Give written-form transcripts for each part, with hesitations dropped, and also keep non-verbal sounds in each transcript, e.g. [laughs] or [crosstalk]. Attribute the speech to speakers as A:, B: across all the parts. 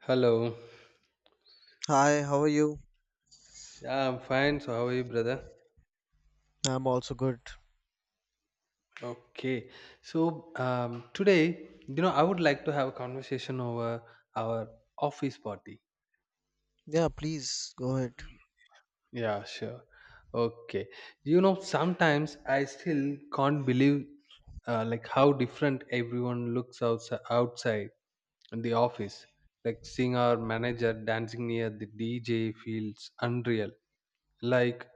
A: Hello.
B: Hi, how are you?
A: Yeah, I'm fine. So, how are you, brother?
B: I'm also good.
A: Okay. So today, I would like to have a conversation over our office party.
B: Yeah, please go ahead.
A: Yeah, sure. Okay. You know, sometimes I still can't believe like how different everyone looks outside in the office. Like seeing our manager dancing near the DJ feels unreal. Like,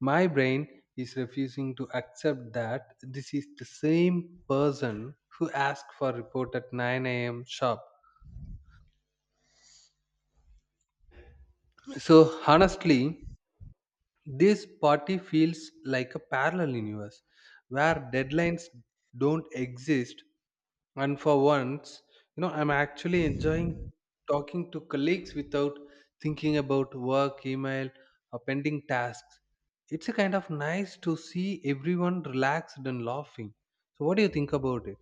A: my brain is refusing to accept that this is the same person who asked for report at 9 a.m. sharp. So honestly, this party feels like a parallel universe where deadlines don't exist. And for once, I'm actually enjoying talking to colleagues without thinking about work, email, or pending tasks. It's a kind of nice to see everyone relaxed and laughing. So, what do you think about it?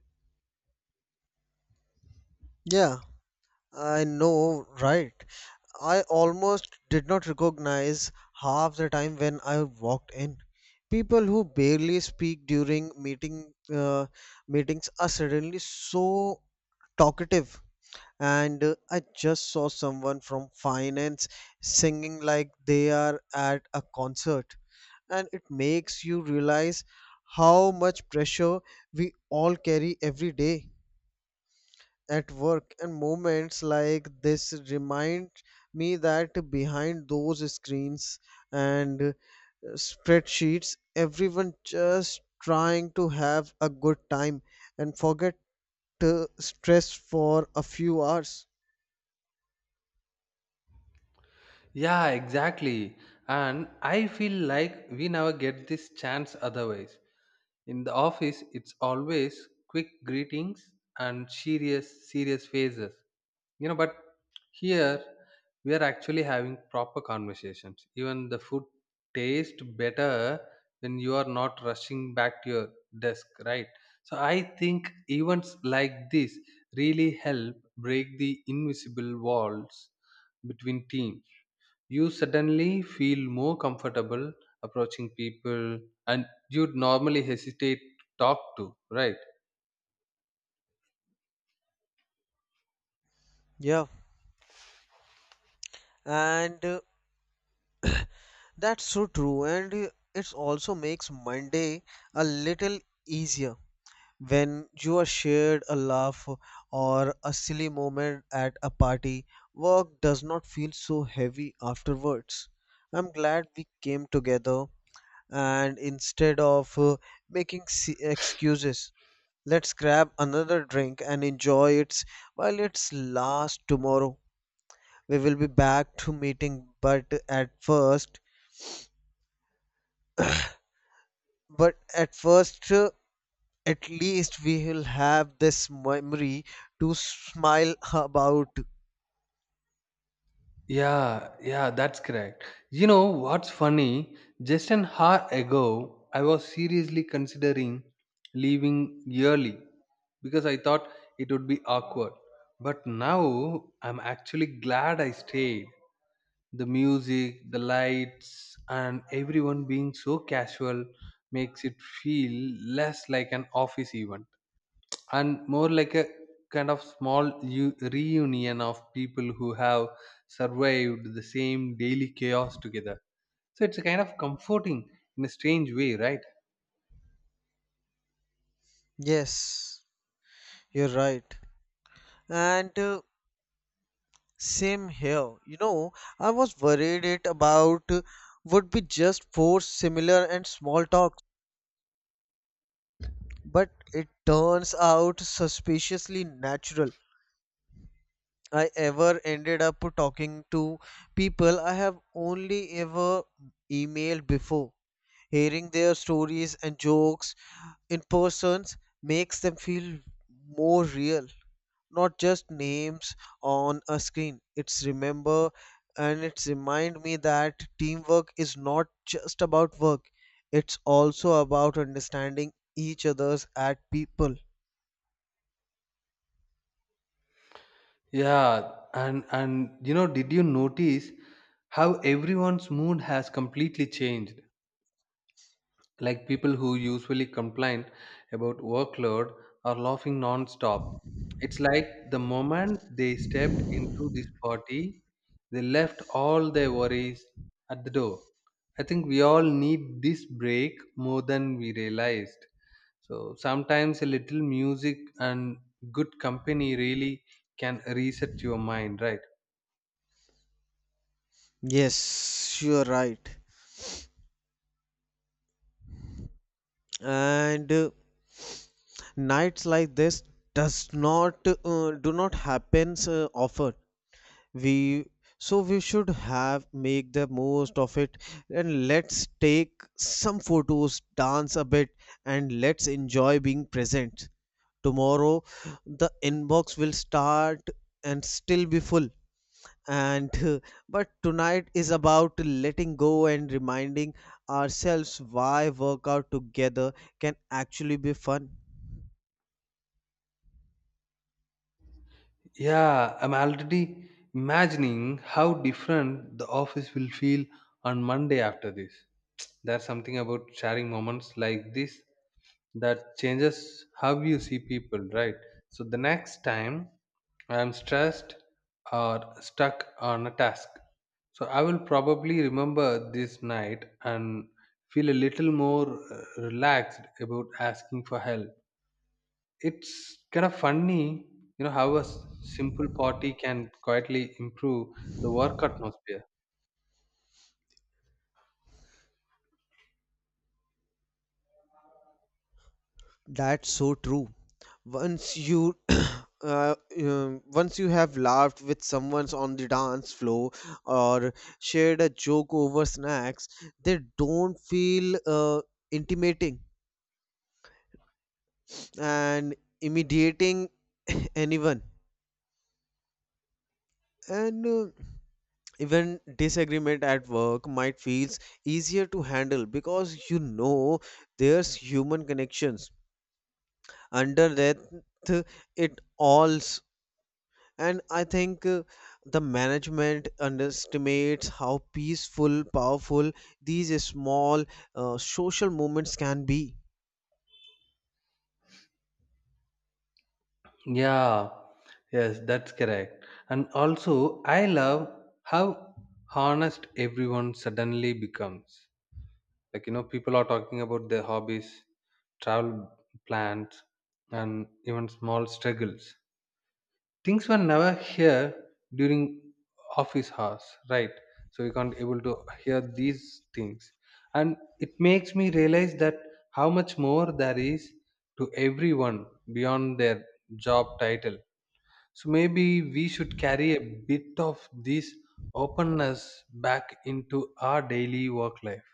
B: Yeah, I know, right? I almost did not recognize half the time when I walked in. People who barely speak during meetings are suddenly so talkative. And I just saw someone from finance singing like they are at a concert. And it makes you realize how much pressure we all carry every day at work, and moments like this remind me that behind those screens and spreadsheets everyone just trying to have a good time and forget stress for a few hours.
A: Yeah, exactly. And I feel like we never get this chance otherwise. In the office, it's always quick greetings and serious faces. You know, but here we are actually having proper conversations. Even the food tastes better when you are not rushing back to your desk, right? So I think events like this really help break the invisible walls between teams. You suddenly feel more comfortable approaching people and you'd normally hesitate to talk to, right?
B: Yeah, and that's so true, and it also makes Monday a little easier. When you are shared a laugh or a silly moment at a party, work does not feel so heavy afterwards. I'm glad we came together, and instead of making excuses, let's grab another drink and enjoy it while it's last. Tomorrow we will be back to meeting, but at first, at least we will have this memory to smile [laughs] about.
A: Yeah. That's correct. You know what's funny, just an hour ago I was seriously considering leaving early because I thought it would be awkward, but now I'm actually glad I stayed. The music, the lights, and everyone being so casual makes it feel less like an office event and more like a kind of small reunion of people who have survived the same daily chaos together. So it's a kind of comforting in a strange way, right?
B: Yes, you're right. And same here. You know, I was worried it about would be just four similar and small talks, but it turns out suspiciously natural. I ever ended up talking to people I have only ever emailed before. Hearing their stories and jokes in persons makes them feel more real. Not just names on a screen. It's remember and it's remind me that teamwork is not just about work, it's also about understanding each other's at people.
A: Yeah, and you know, did you notice how everyone's mood has completely changed? Like people who usually complain about workload are laughing non-stop. It's like the moment they stepped into this party, they left all their worries at the door. I think we all need this break more than we realized. So sometimes a little music and good company really can reset your mind, right?
B: Yes, you're right. and nights like this does not do not happens often. We so we should have make the most of it, and let's take some photos, dance a bit, and let's enjoy being present. Tomorrow the inbox will start and still be full, and [laughs] but tonight is about letting go and reminding ourselves why workout together can actually be fun.
A: Yeah, I'm already imagining how different the office will feel on Monday after this. There's something about sharing moments like this that changes how you see people, right? So the next time I'm stressed or stuck on a task, so I will probably remember this night and feel a little more relaxed about asking for help. It's kind of funny, you know, how a simple party can quietly improve the work atmosphere.
B: That's so true. Once you [coughs] [clears throat] once you have laughed with someone on the dance floor or shared a joke over snacks, they don't feel intimating and immediating anyone. And even disagreement at work might feels easier to handle, because you know there's human connections under that it all. And I think the management underestimates how peaceful, powerful these small social movements can be.
A: Yeah, yes, that's correct. And also, I love how honest everyone suddenly becomes. Like, you know, people are talking about their hobbies, travel plans, and even small struggles. Things were never here during office hours, right? So we can't able to hear these things, and it makes me realize that how much more there is to everyone beyond their job title. So maybe we should carry a bit of this openness back into our daily work life.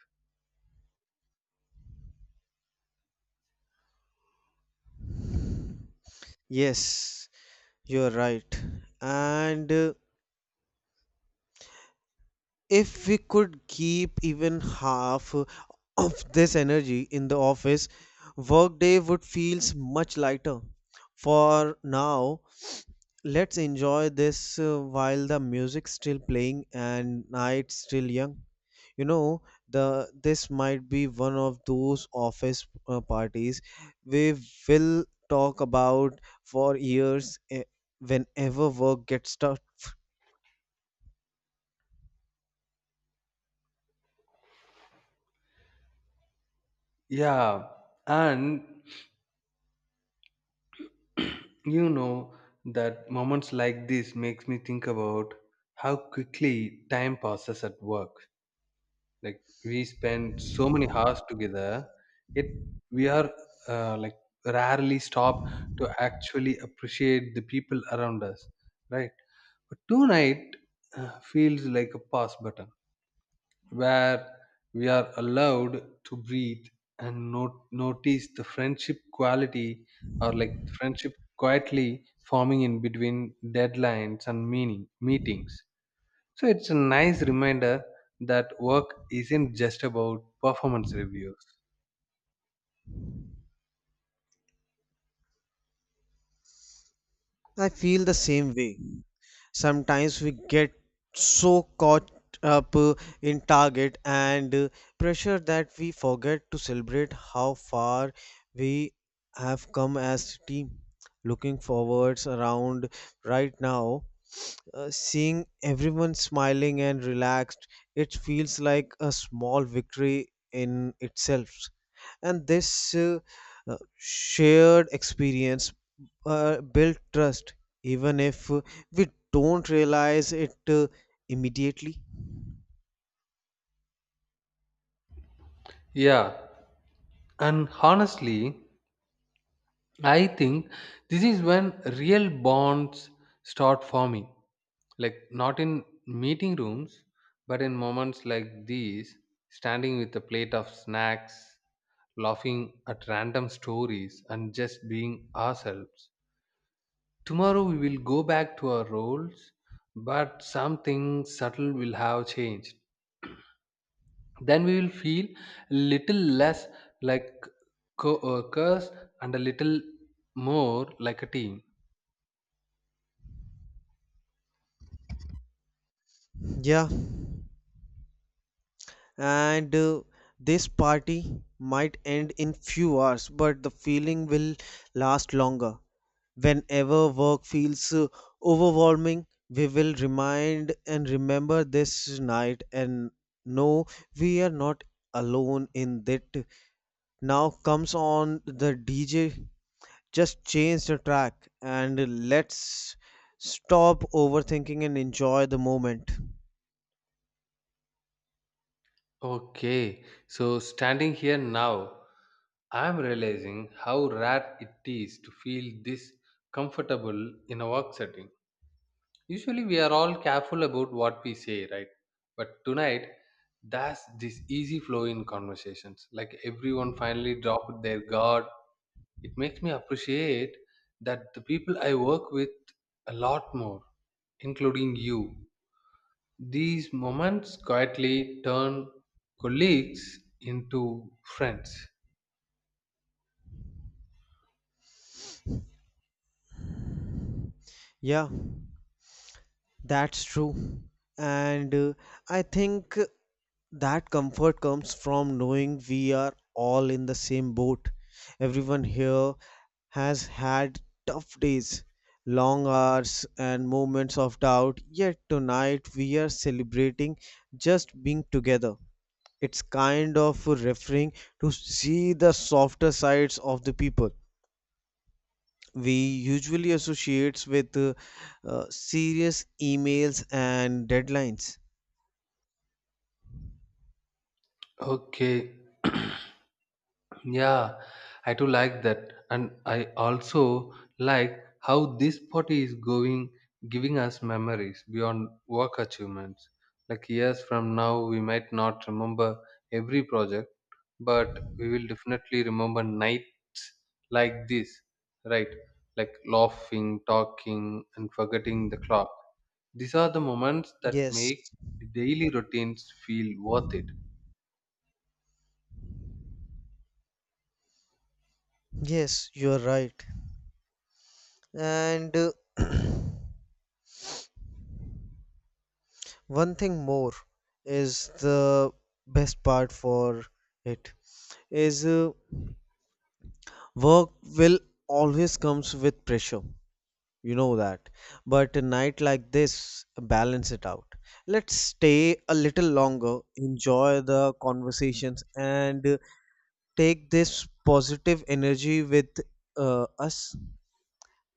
B: Yes, you're right. And if we could keep even half of this energy in the office, workday would feels much lighter. For now, let's enjoy this while the music's still playing and night's still young. You know, the this might be one of those office parties we will talk about for years, whenever work gets tough.
A: Yeah, and [clears throat] you know, that moments like this makes me think about how quickly time passes at work. Like we spend so many hours together, it we are like rarely stop to actually appreciate the people around us, right? But tonight feels like a pause button where we are allowed to breathe and not notice the friendship quality, or like friendship quietly forming in between deadlines and meaning meetings. So it's a nice reminder that work isn't just about performance reviews.
B: I feel the same way. Sometimes we get so caught up in target and pressure that we forget to celebrate how far we have come as a team. Looking forwards around right now, seeing everyone smiling and relaxed, it feels like a small victory in itself, and this shared experience build trust, even if we don't realize it immediately.
A: Yeah, and honestly, I think this is when real bonds start forming, like not in meeting rooms but in moments like these, standing with a plate of snacks, laughing at random stories and just being ourselves. Tomorrow we will go back to our roles, but something subtle will have changed. Then we will feel a little less like co-workers and a little more like a team.
B: Yeah, and this party might end in few hours, but the feeling will last longer. Whenever work feels overwhelming, we will remind and remember this night and know we are not alone in that. Now comes on the DJ, just change the track and let's stop overthinking and enjoy the moment.
A: Okay, so standing here now, I'm realizing how rare it is to feel this comfortable in a work setting. Usually, we are all careful about what we say, right? But tonight, that's this easy flow in conversations. Like everyone finally dropped their guard. It makes me appreciate that the people I work with a lot more, including you. These moments quietly turn colleagues into friends.
B: Yeah, that's true. And I think that comfort comes from knowing we are all in the same boat. Everyone here has had tough days, long hours, and moments of doubt, yet tonight we are celebrating just being together. It's kind of referring to see the softer sides of the people we usually associates with serious emails and deadlines.
A: Okay. [clears throat] Yeah, I do like that, and I also like how this party is going, giving us memories beyond work achievements. Like years from now, we might not remember every project, but we will definitely remember nights like this, right? Like laughing, talking, and forgetting the clock. These are the moments that
B: Yes,
A: make the daily routines feel worth it.
B: yes, you're right. And [clears throat] one thing more is the best part for it is, work will always comes with pressure. You know that. But a night like this, balance it out. Let's stay a little longer, enjoy the conversations, and take this positive energy with us.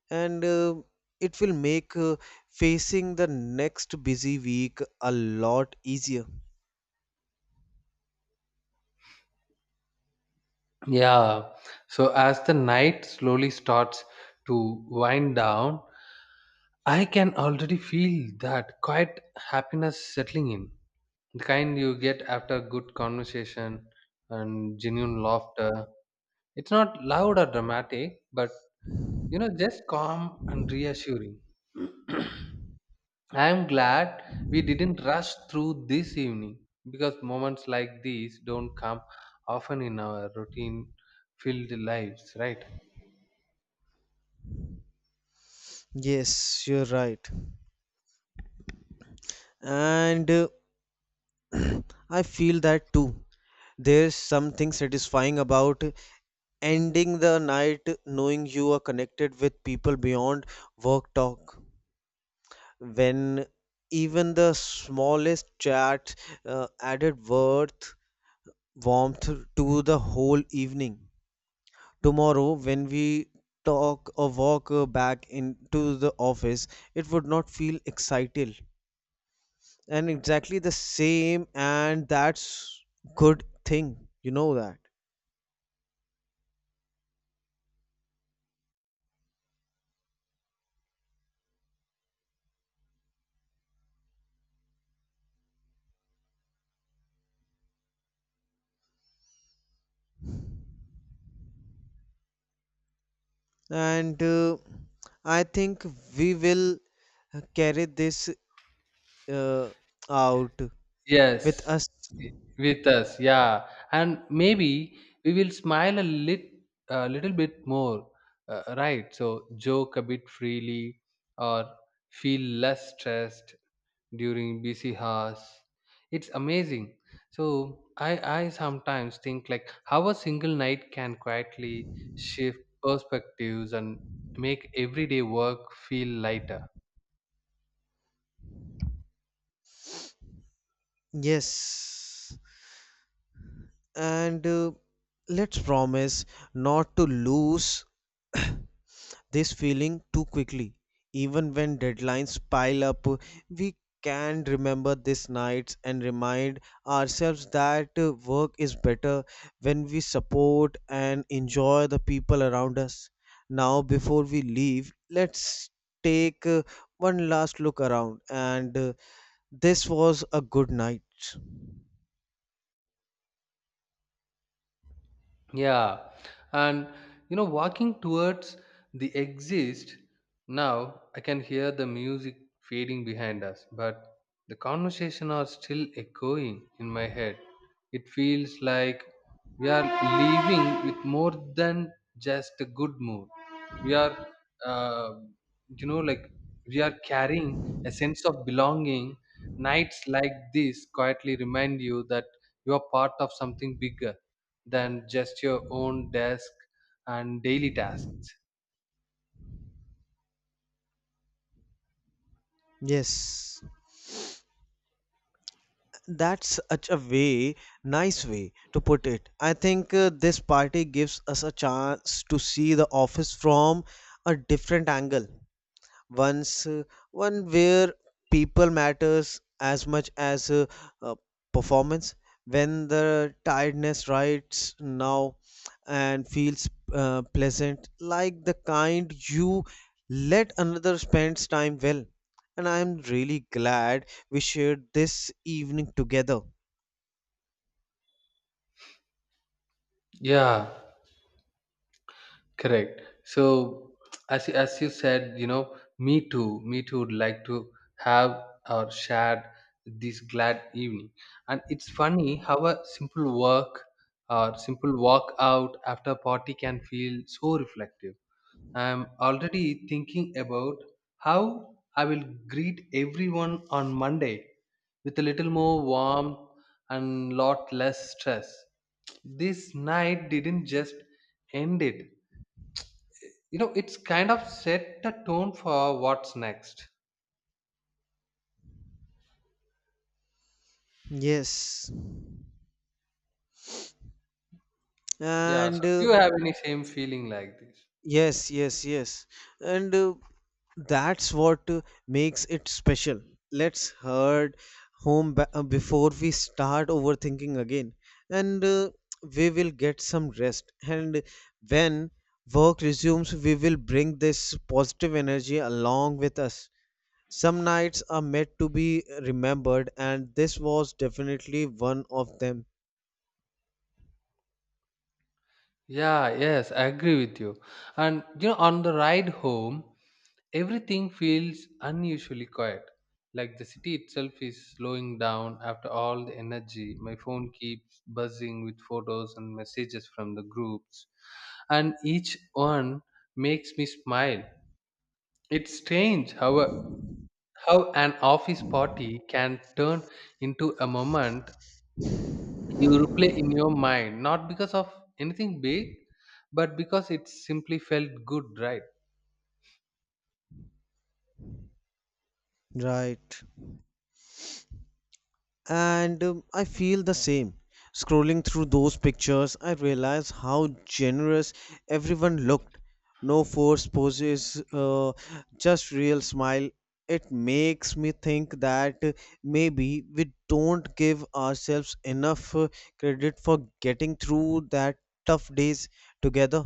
B: And it will make facing the next busy week a lot easier.
A: Yeah. So as the night slowly starts to wind down, I can already feel that quiet happiness settling in. The kind you get after good conversation and genuine laughter. It's not loud or dramatic, but you know, just calm and reassuring. I am glad we didn't rush through this evening because moments like these don't come often in our routine filled lives, right?
B: Yes, you're right. And [clears throat] I feel that too. There's something satisfying about ending the night knowing you are connected with people beyond work talk. When even the smallest chat added worth, warmth to the whole evening. Tomorrow, when we talk or walk back into the office, it would not feel excited and exactly the same, and that's good thing. You know that. And I think we will carry this uh, out with
A: Yes,
B: us.
A: i- with us, yeah, and maybe we will a little bit more, right? So joke a bit freely, or feel less stressed during busy hours. It's amazing. So I sometimes think like how a single night can quietly shift perspectives and make everyday work feel lighter.
B: Yes, and let's promise not to lose [clears throat] this feeling too quickly. Even when deadlines pile up, we can remember these nights and remind ourselves that work is better when we support and enjoy the people around us. Now, before we leave, let's take one last look around, and this was a good night.
A: Yeah, and you know, walking towards the exit, now I can hear the music fading behind us, but the conversation are still echoing in my head. It feels like we are leaving with more than just a good mood. We are, uh, you know, like we are carrying a sense of belonging. Nights like this quietly remind you that you are part of something bigger than just your own desk and daily tasks.
B: Yes. That's such a way nice way to put it. I think this party gives us a chance to see the office from a different angle. once, uh, one where people matters as much as uh, performance. When the tiredness rides now and feels pleasant, like the kind you let another spends time well, and I am really glad we shared this evening together.
A: Yeah, correct. So as you said, you know, me too would like to have or share this glad evening. And it's funny how a simple work or simple walk out after a party can feel so reflective. I'm already thinking about how I will greet everyone on Monday with a little more warmth and lot less stress. This night didn't just end it. You know, it's kind of set the tone for what's next.
B: yes
A: Yeah, so
B: and
A: do
B: uh,
A: you have any same feeling like this?
B: yes yes yes and uh, that's what makes it special. Let's head home before we start overthinking again, and we will get some rest, and when work resumes we will bring this positive energy along with us. Some nights are meant to be remembered, and this was definitely one of them.
A: Yeah, yes, I agree with you. And you know, on the ride home, everything feels unusually quiet, like the city itself is slowing down after all the energy. My phone keeps buzzing with photos and messages from the groups, and each one makes me smile. It's strange how, how an office party can turn into a moment you replay in your mind, not because of anything big, but because it simply felt good, right?
B: Right. and I feel the same. Scrolling through those pictures, I realize how generous everyone looked. No forced poses, just real smile. It makes me think that maybe we don't give ourselves enough credit for getting through that tough days together.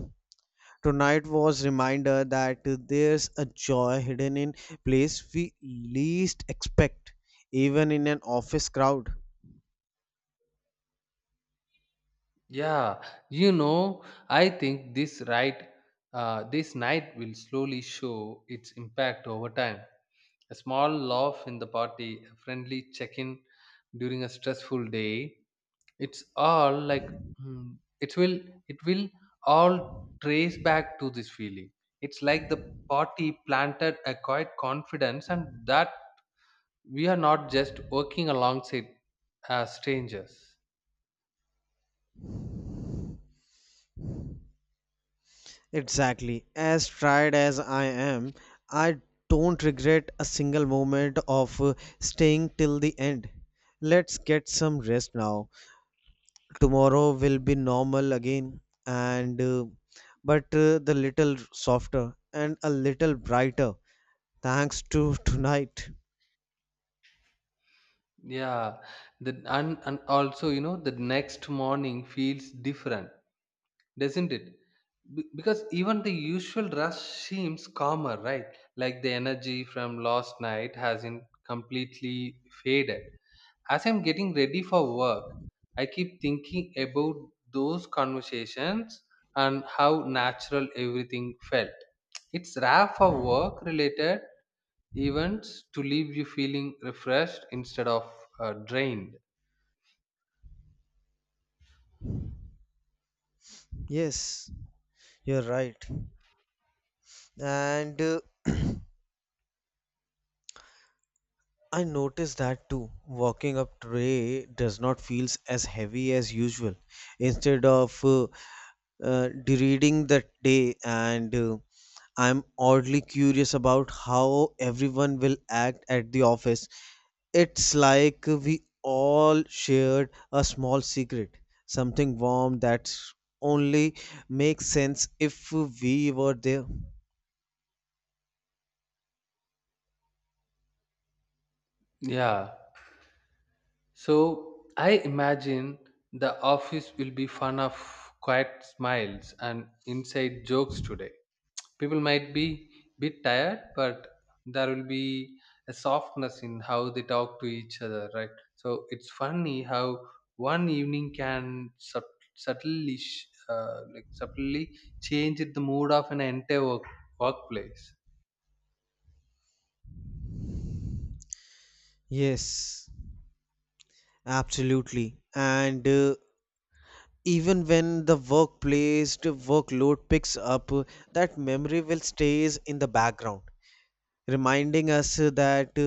B: Tonight was reminder that there's a joy hidden in place we least expect, even in an office crowd.
A: Yeah, you know, I think this right, this night will slowly show its impact over time. A small laugh in the party, a friendly check-in during a stressful day. It's all like hmm, it will it will all trace back to this feeling. It's like the party planted a quiet confidence, and that we are not just working alongside as strangers.
B: Exactly. As tried as I am, I don't regret a single moment of staying till the end. Let's get some rest now. Tomorrow will be normal again, and but the little softer and a little brighter thanks to [laughs] tonight.
A: Yeah, and also, you know, the next morning feels different, doesn't it? Because even the usual rush seems calmer, right? Like the energy from last night hasn't completely faded. As I'm getting ready for work, I keep thinking about those conversations and how natural everything felt. It's rare for work related events to leave you feeling refreshed instead of drained.
B: Yes, you're right. And I noticed that too. Walking up today does not feels as heavy as usual. Instead of reading that day, and I'm oddly curious about how everyone will act at the office. It's like we all shared a small secret, something warm that only makes sense if we were there.
A: Yeah. So I imagine the office will be fun of quiet smiles and inside jokes today. People might be bit tired, but there will be a softness in how they talk to each other, right? So it's funny how one evening can subtly, sh- like subtly change the mood of an entire workplace.
B: Yes, absolutely. And even when the workload picks up, that memory will stays in the background, reminding us that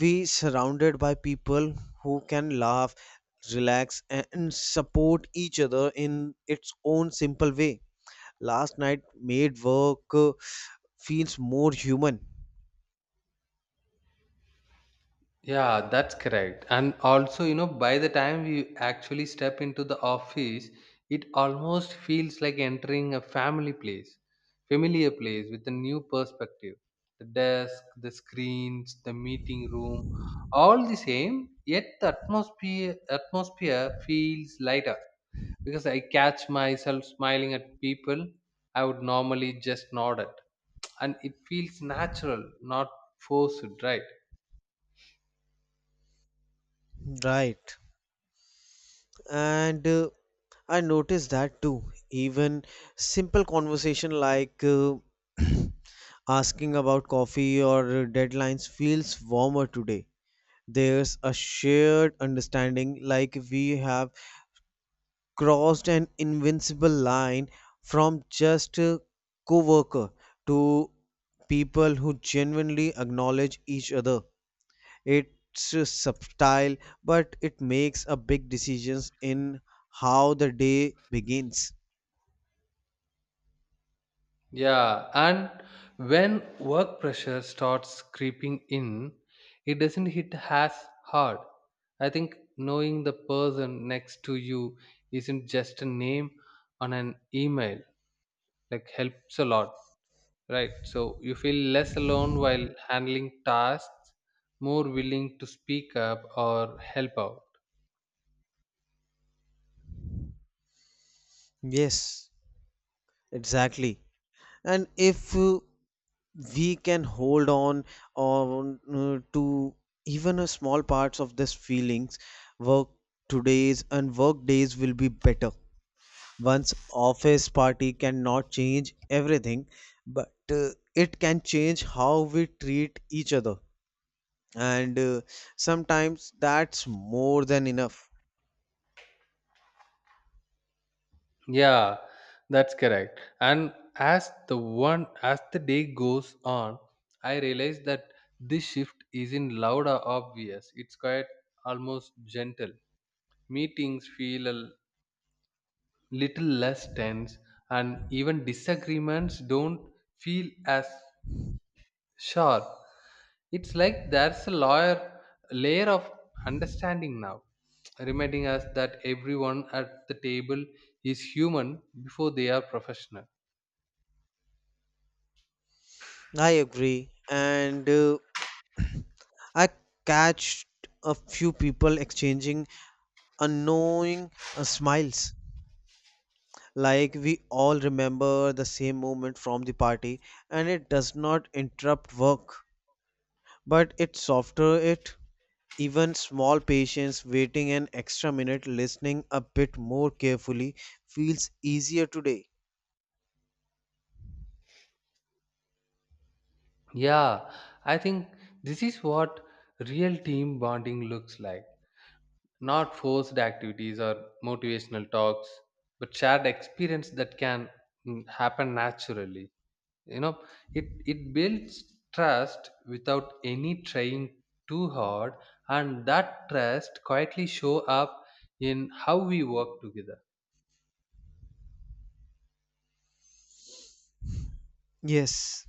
B: we surrounded by people who can laugh, relax and support each other in its own simple way. Last night made work feels more human.
A: Yeah, that's correct. And also, you know, by the time we actually step into the office, it almost feels like entering a familiar place with a new perspective. The desk, the screens, the meeting room, all the same, yet the atmosphere feels lighter because I catch myself smiling at people I would normally just nod at. And it feels natural, not forced, right?
B: Right. And I noticed that too. Even simple conversation like [clears throat] asking about coffee or deadlines feels warmer today. There's a shared understanding, like we have crossed an invincible line from just a co-worker to people who genuinely acknowledge each other. It's subtle, but it makes a big decisions in how the day begins.
A: Yeah, and when work pressure starts creeping in, it doesn't hit as hard. I think knowing the person next to you isn't just a name on an email, like helps a lot, right? So you feel less alone while handling tasks, more willing to speak up or help out.
B: Yes, exactly. And if we can hold on to even a small parts of this feelings, work today's and work days will be better. One's office party cannot change everything, but it can change how we treat each other. And sometimes that's more than enough.
A: Yeah, that's correct. And as the one as the day goes on, I realize that this shift isn't loud or obvious. It's quite almost gentle. Meetings feel a little less tense, and even disagreements don't feel as sharp. It's like there's a layer of understanding now, reminding us that everyone at the table is human before they are professional.
B: I agree. And I catched a few people exchanging unknowing smiles. Like we all remember the same moment from the party, and it does not interrupt work. But it's softer. It, even small patience, waiting an extra minute, listening a bit more carefully, feels easier today.
A: Yeah, I think this is what real team bonding looks like. Not forced activities or motivational talks, but shared experience that can happen naturally. You know, it builds trust without any trying too hard, and that trust quietly show up in how we work together.
B: Yes,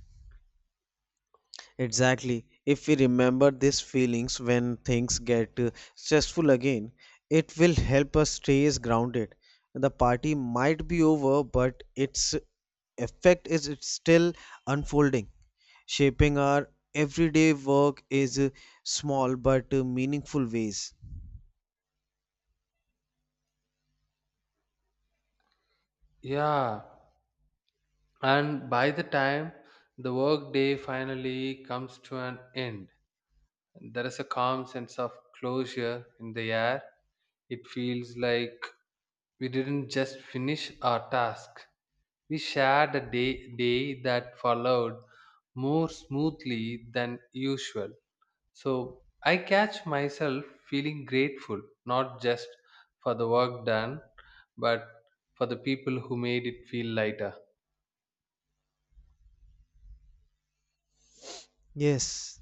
B: exactly. If we remember these feelings when things get stressful again, it will help us stay as grounded. The party might be over but its effect is it's still unfolding, shaping our everyday work is small but meaningful ways.
A: Yeah, and by the time the work day finally comes to an end, there is a calm sense of closure in the air. It feels like we didn't just finish our task. We shared a day that followed more smoothly than usual. So I catch myself feeling grateful, not just for the work done, but for the people who made it feel lighter.
B: Yes,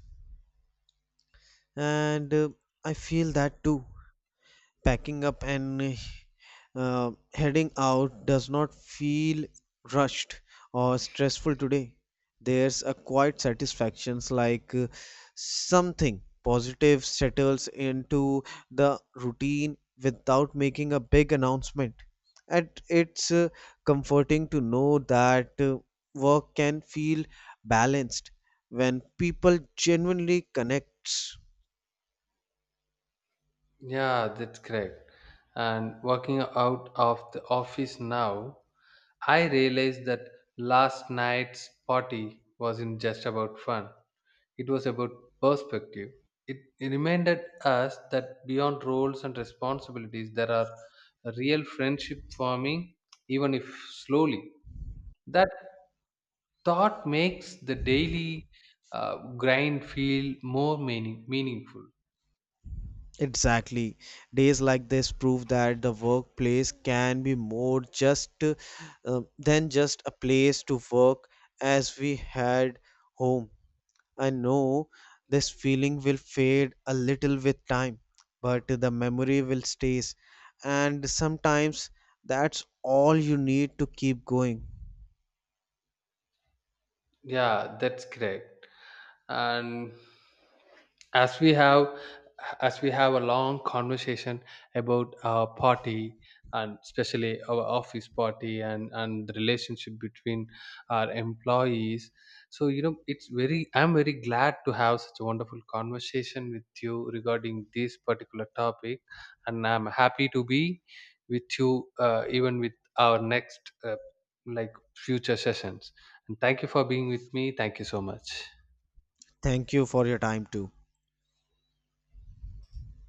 B: and I feel that too. Packing up and heading out does not feel rushed or stressful today. There's a quiet satisfaction, like something positive settles into the routine without making a big announcement. And it's comforting to know that work can feel balanced when people genuinely connects.
A: Yeah, that's correct. And working out of the office now, I realized that last night's party wasn't just about fun. It was about perspective. It reminded us that beyond roles and responsibilities, there are real friendship forming, even if slowly. That thought makes the daily grind feel more meaningful.
B: Exactly. Days like this prove that the workplace can be more just than just a place to work, as we had home. I know this feeling will fade a little with time, but the memory will stays, and sometimes that's all you need to keep going.
A: Yeah, that's correct. And as we have as we have a long conversation about our party, and especially our office party, and the relationship between our employees, so you know, it's very, I'm very glad to have such a wonderful conversation with you regarding this particular topic. And I'm happy to be with you even with our next like future sessions. And thank you for being with me, thank you so much.
B: Thank you for your time too.